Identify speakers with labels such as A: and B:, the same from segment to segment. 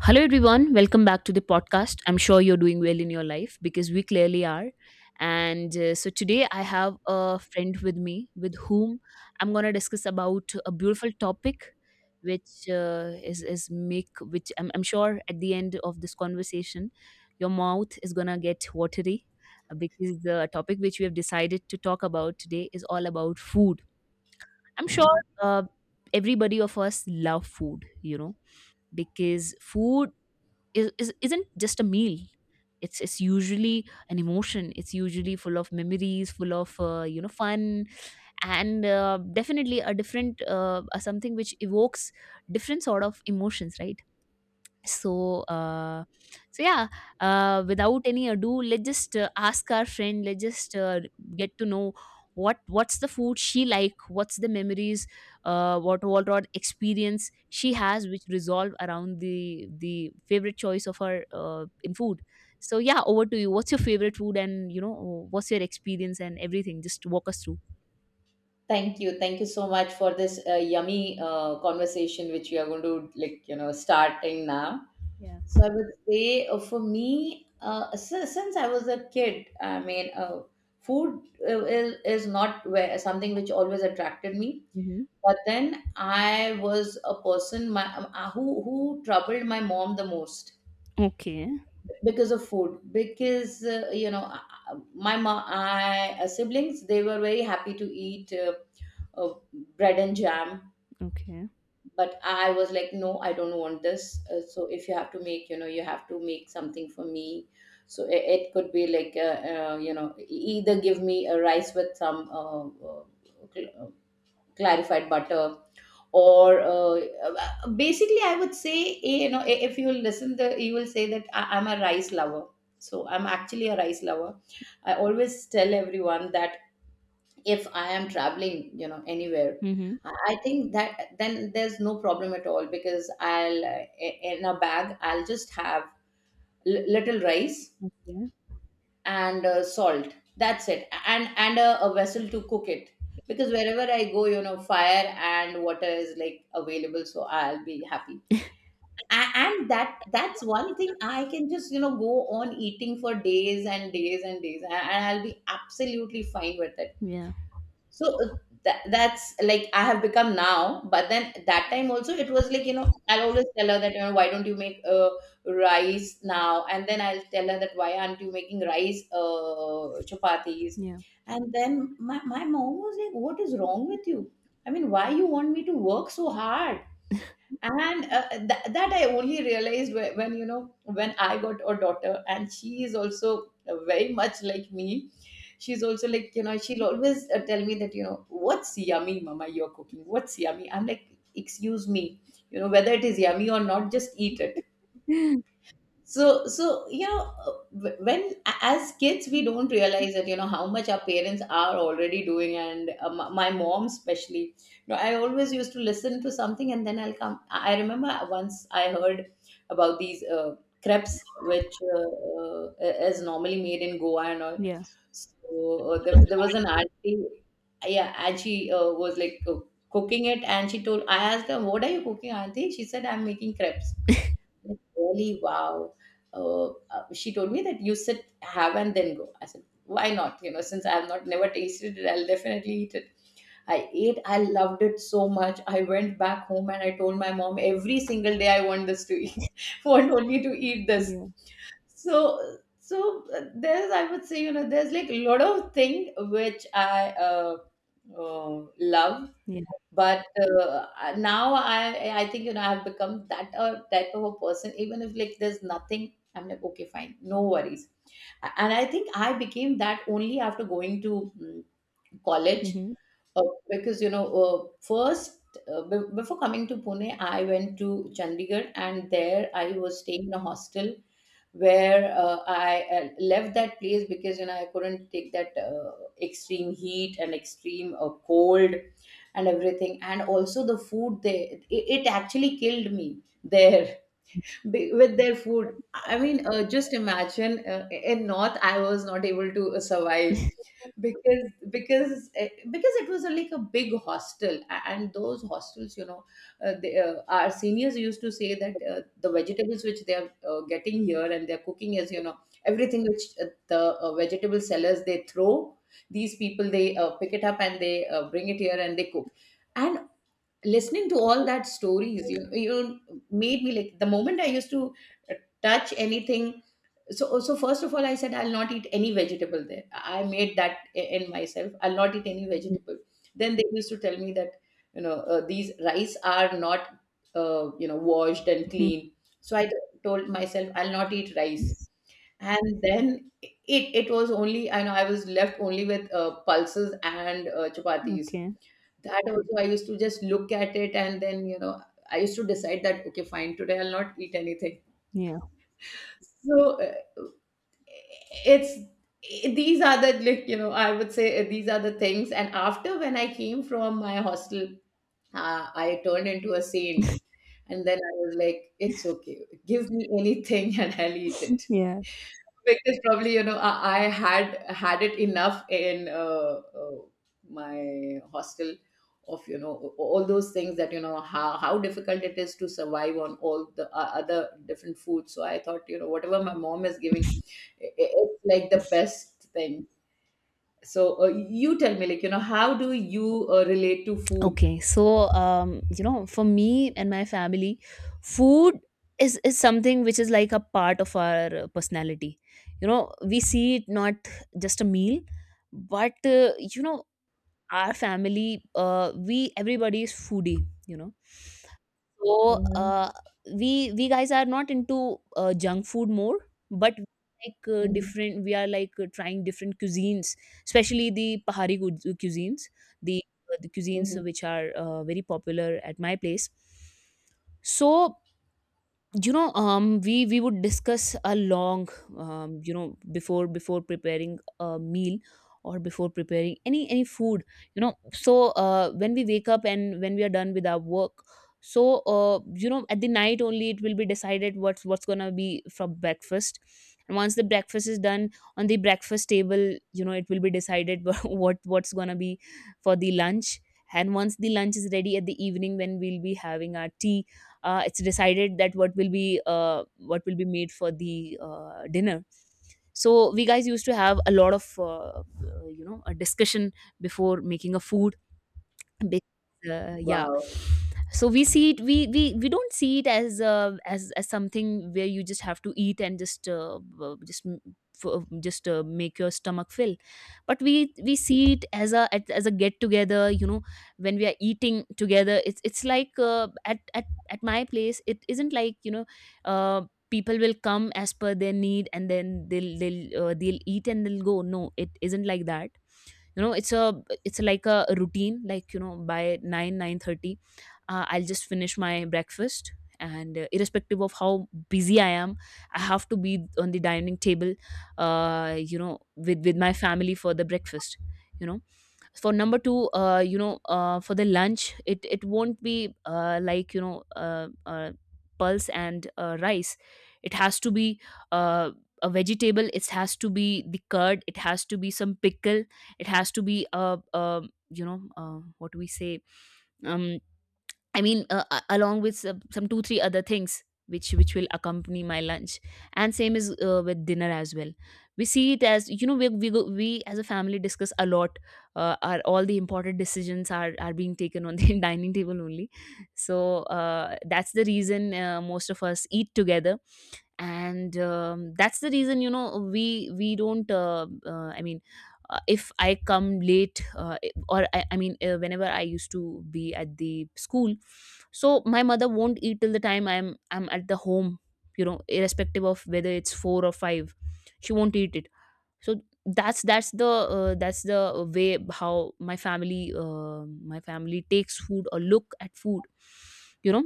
A: Hello, everyone. Welcome back to the podcast. I'm sure you're doing well in your life because we clearly are. And so today I have a friend with me with whom I'm going to discuss about a beautiful topic which is make which I'm sure at the end of this conversation your mouth is going to get watery, because the topic which we have decided to talk about today is all about food. I'm sure everybody of us love food because food is isn't just a meal, it's usually an emotion, it's usually full of memories, full of fun, and definitely a different something which evokes different sort of emotions, right? So uh so yeah, without any ado, let's just ask our friend, let's just get to know what's the food she like, what's the memories, what experience she has which resolve around the favorite choice of her, in food. So yeah, over to you, what's your favorite food and you know what's your experience and everything, just walk us through.
B: Thank you. Thank you so much for this yummy conversation which we are going to, like, you know, starting now.
A: Yeah.
B: So I would say for me, since I was a kid, food is not where, something which always attracted me.
A: Hmm.
B: But then I was a person who troubled my mom the most
A: Okay.
B: because of food because you know, siblings, they were very happy to eat uh, bread and jam,
A: Okay.
B: but I was like, "No, I don't want this." So if you have to make, you know, you have to make something for me. So it could be like, you know, e- either give me a rice with some cl- uh, clarified butter, or basically, I would say, you know, if you listen, the you will say that I'm a rice lover. So I'm actually a rice lover. I always tell everyone that if I am traveling, you know, anywhere,
A: Mm-hmm.
B: I think that then there's no problem at all, because in a bag I'll just have little rice and salt. That's it, and a vessel to cook it, because wherever I go, you know, fire and water is like available, so I'll be happy. And that, that's one thing I can just, you know, go on eating for days and days and days, and I'll be absolutely fine with it.
A: Yeah.
B: So that's like I have become now. But then, that time also, it was like, you know, I'll always tell her that, you know, why don't you make rice now. And then I'll tell her that, why aren't you making rice chapatis?
A: Yeah.
B: And then my mom was like, "What is wrong with you? I mean, why you want me to work so hard?" And that I only realized when, you know, when I got a daughter, and she is also very much like me. She's also like, you know, she'll always tell me that, you know, "What's yummy, mama? You're cooking? What's yummy?" I'm like, "Excuse me, you know, whether it is yummy or not, just eat it."
A: Yeah.
B: So you know, when as kids, we don't realize that, you know, how much our parents are already doing. And my mom especially, you know, I always used to listen to something, and then I'll come, I remember once I heard about these crepes, which is normally made in Goa and all. So there was an auntie. Yeah, and she was cooking it, and she told, I asked her, "What are you cooking, auntie?" She said, "I'm making crepes." Like, really? Wow. She told me that, "You sit, have, and then go." I said, "Why not? You know, since I have not, never tasted it, I'll definitely eat it." I ate, I loved it so much, I went back home and I told my mom every single day, "I want this to eat. Want only to eat this."
A: Yeah.
B: So there's, I would say, you know, there's like a lot of thing which I love.
A: Yeah.
B: But now, I think, you know, I've become that type of a person, even if, like, there's nothing, I'm like, "Okay, fine, no worries." And I think I became that only after going to college,
A: Mhm.
B: uh, because, you know, first, before coming to Pune, I went to Chandigarh, and there I was staying in a hostel where I left that place because, you know, I couldn't take that extreme heat and extreme cold and everything. And also the food, they it, it actually killed me there with their food. I mean, just imagine, in North I was not able to survive, because because it was a, like a big hostel, and those hostels, you know, our seniors used to say that the vegetables which they are getting here and they're cooking is, you know, everything which the vegetable sellers, they throw, these people, they pick it up and they bring it here and they cook. And listening to all that stories, you made me like, the moment I used to uh, touch anything. So first of all, I said I'll not eat any vegetable there. I made that in myself, I'll not eat any vegetable. Then they used to tell me that, you know, these rice are not, you know, washed and
A: Mhm.
B: clean. So I told myself I'll not eat rice. And then it was only, I know, I was left only with pulses and chapatis.
A: Okay.
B: That also I used to just look at it, and then, you know, I used to decide that, okay, fine, today I'll not eat anything.
A: Yeah.
B: So it's, these are the, like, you know, I would say, these are the things. And after, when I came from my hostel, I turned into a saint. And then I was like, it's okay, give me anything, and I'll eat it,
A: Yeah.
B: because probably, you know, I had had it enough in uh, my hostel of, you know, all those things, that you know how difficult it is to survive on all the other different foods. So I thought, you know, whatever my mom is giving, it's like the best thing. So you tell me, like, you know, how do you relate to food?
A: Okay. So, you know, for me and my family, food is something which is like a part of our personality. You know, we see it not just a meal, but you know, our family, we everybody is foodie. You know. So,
B: Mm-hmm.
A: we guys are not into junk food more, but we like,
B: Hmm.
A: different. We are like, trying different cuisines, especially the Pahari cuisines, the the cuisines
B: Hmm.
A: which are very popular at my place. So you know, we would discuss a long, you know, before preparing a meal or before preparing any food, you know. So when we wake up and when we are done with our work, so you know, at the night only it will be decided what's gonna be from breakfast. And once the breakfast is done, on the breakfast table, you know, it will be decided what's gonna be for the lunch. And once the lunch is ready, at the evening when we'll be having our tea, it's decided that what will be, what will be made for the dinner. So we guys used to have a lot of you know, a discussion before making a food, because yeah.
B: Wow,
A: So we see it, we don't see it as as something where you just have to eat and just just make your stomach fill, but we see it as a as a get together you know. When we are eating together, it's like, at my place it isn't like, you know, uh, people will come as per their need and then they'll, they'll eat and they'll go. No, it isn't like that, you know. It's a, it's like a routine, like you know, by 9 9:30 I'll just finish my breakfast, and irrespective of how busy I am, I have to be on the dining table, you know, with my family for the breakfast, you know. For number two, you know, for the lunch, it won't be like, you know, uh, pulse and rice. It has to be uh, a vegetable, it has to be the curd, it has to be some pickle, it has to be a, you know, what do we say, um I mean, a- along with some two-three other things which will accompany my lunch. And same is, with dinner as well. We see it as, you know, we as a family discuss a lot. Are all the important decisions are being taken on the dining table only. So that's the reason most of us eat together. And that's the reason, you know, we don't, I mean, if I come late, or I mean, whenever I used to be at the school, so my mother won't eat till the time I'm at the home, you know, irrespective of whether it's 4 or 5. She won't eat it. So that's the, that's the way how my family, my family takes food or look at food, you know.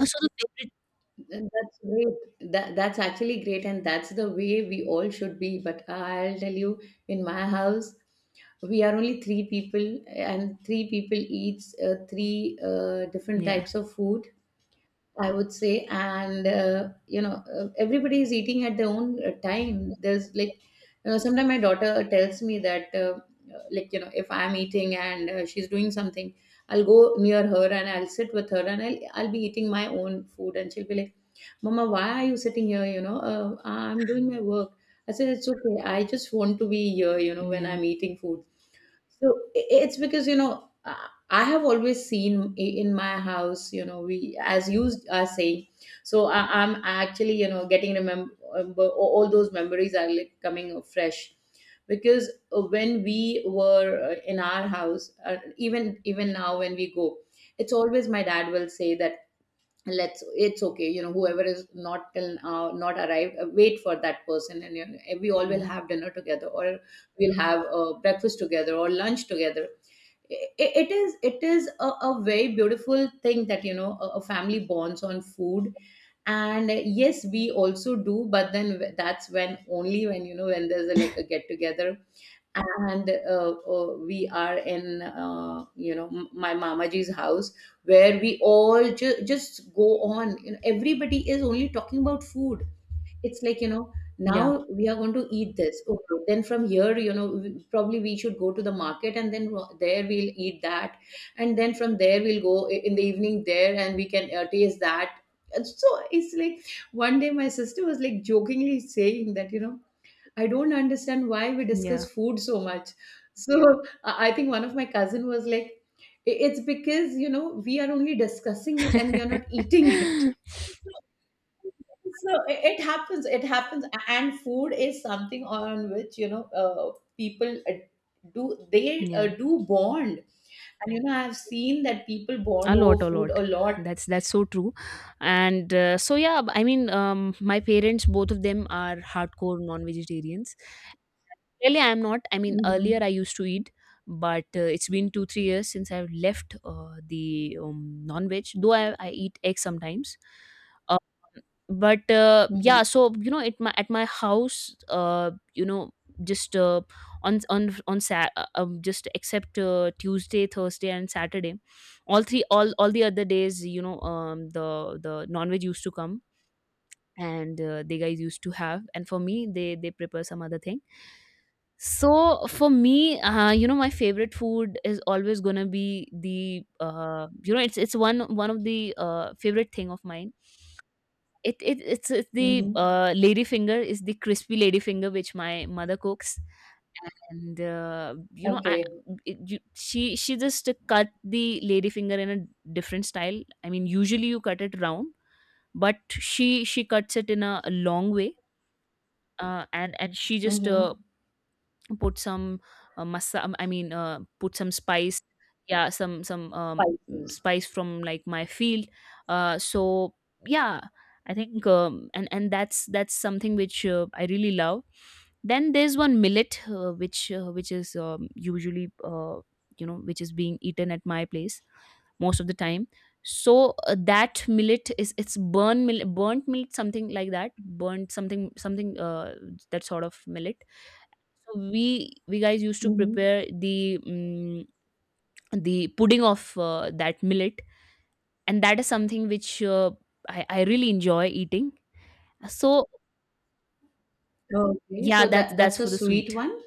A: So the favorite.
B: and that's great. That, that's actually great, and that's the way we all should be. But I'll tell you, in my house, we are only three people, and three people eats three different
A: Yeah.
B: types of food. I would say, and you know, everybody is eating at their own time. There's, like, you know, sometimes my daughter tells me that, like, you know, if I'm eating and she's doing something, I'll go near her and I'll sit with her and I'll be eating my own food, and she'll be like, "Mama, why are you sitting here? You know, I'm doing my work." I said, "It's okay. I just want to be here, you know, when
A: Yeah.
B: I'm eating food." So it's because, you know, I have always seen, in my house, you know, we, as you are saying. So I'm actually, you know, getting remember, all those memories are like coming fresh, because when we were in our house, even even now when we go, it's always my dad will say that, let's, it's okay, you know, whoever is not till not arrived, wait for that person, and you know, we all
A: Yeah.
B: will have dinner together, or we'll have breakfast together or lunch together. It is a very beautiful thing that, you know, a family bonds on food. And yes, we also do, but then that's when, only when, you know, when there's a, like a get together, and we are in, you know, my mamaji's house, where we all just go on, you know, everybody is only talking about food. It's like, you know,
A: Yeah.
B: now we are going to eat this, okay, then from here, you know, probably we should go to the market, and then, there we'll eat that. And then from there we'll go, in the evening there, and we can taste that. And so it's like, one day my sister was, like, jokingly saying that, you know, "I don't understand why we
A: Yeah.
B: discuss food so much." So I think one of my cousin was like, "It's because, you know, we are only discussing it, and we are not eating it." So it happens. It happens. And food is something on which, you know, people do they
A: Yeah,
B: do bond, and you know, I've seen that people bond
A: a lot,
B: over
A: a
B: food
A: lot.
B: a lot.
A: That's so true. And so yeah. I mean, my parents, both of them are hardcore non-vegetarians. Really, I'm not. I mean,
B: Hmm.
A: earlier I used to eat, but it's been two-three years since I've left, the non-veg. Though I eat egg sometimes, but
B: Hmm.
A: yeah, so you know, at my, house, you know, just on just except Tuesday, Thursday and Saturday, all the other days, you know, the non-veg used to come. And they guys used to have, and for me they prepare some other thing. So for me, you know, my favorite food is always gonna be the, you know, it's one of the favorite thing of mine. It's the,
B: Hmm.
A: lady finger is the crispy lady finger which my mother cooks. And you know,
B: Okay.
A: she just cut the lady finger in a different style. I mean, usually you cut it round, but she cuts it in a long way, and she just
B: Hmm.
A: put some masa I mean put some spice, yeah, some, some
B: Spices.
A: spice from like my field. So yeah, I think, and that's something which I really love. Then there's one millet, which is, usually, you know, which is being eaten at my place most of the time. So that millet is, it's burn millet, burnt millet, something like that, burnt something something, that sort of millet. So we guys used to
B: Hmm.
A: prepare the, the pudding of, that millet, and that is something which, I really enjoy eating. So
B: Okay,
A: yeah,
B: so that,
A: that's
B: that's a
A: for the
B: sweet
A: sweet.
B: one.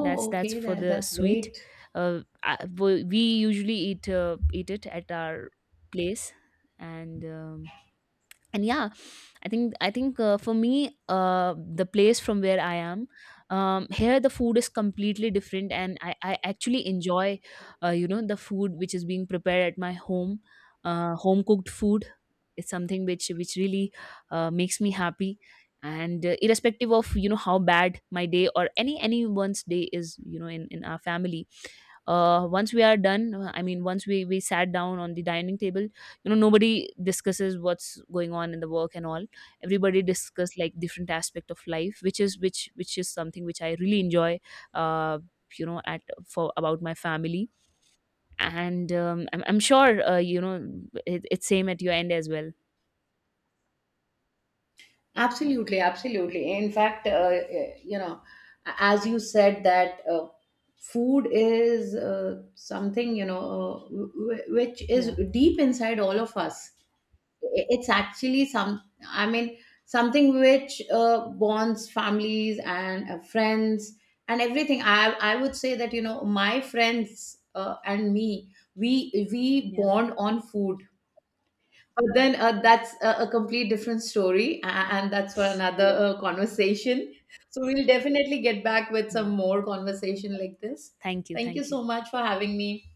A: That's
B: okay.
A: for
B: That,
A: the
B: that's
A: sweet.
B: great.
A: We usually eat, eat it at our place, and. And yeah, I think, for me, the place from where I am, here the food is completely different. And I actually enjoy, you know, the food which is being prepared at my home, home cooked food is something which really, makes me happy. And irrespective of, you know, how bad my day or anyone's day is, you know, in our family, once we are done, I mean once we sat down on the dining table, you know, nobody discusses what's going on in the work and all. Everybody discuss like different aspect of life, which is, which is something which I really enjoy, uh you know, at for about my family. And I'm sure, you know, it, it's same at your end as well.
B: Absolutely, absolutely. In fact, you know, as you said that food is something, you know, which
A: Yeah.
B: is deep inside all of us. It's actually some, I mean, something which bonds families and friends and everything. I would say that, you know, my friends and me, we
A: Yeah.
B: bond on food. But then that's a complete different story, and that's for another conversation. So we'll definitely get back with some
A: Yeah.
B: more conversation like this.
A: Thank you,
B: Thank you
A: thank you.
B: so much for having me.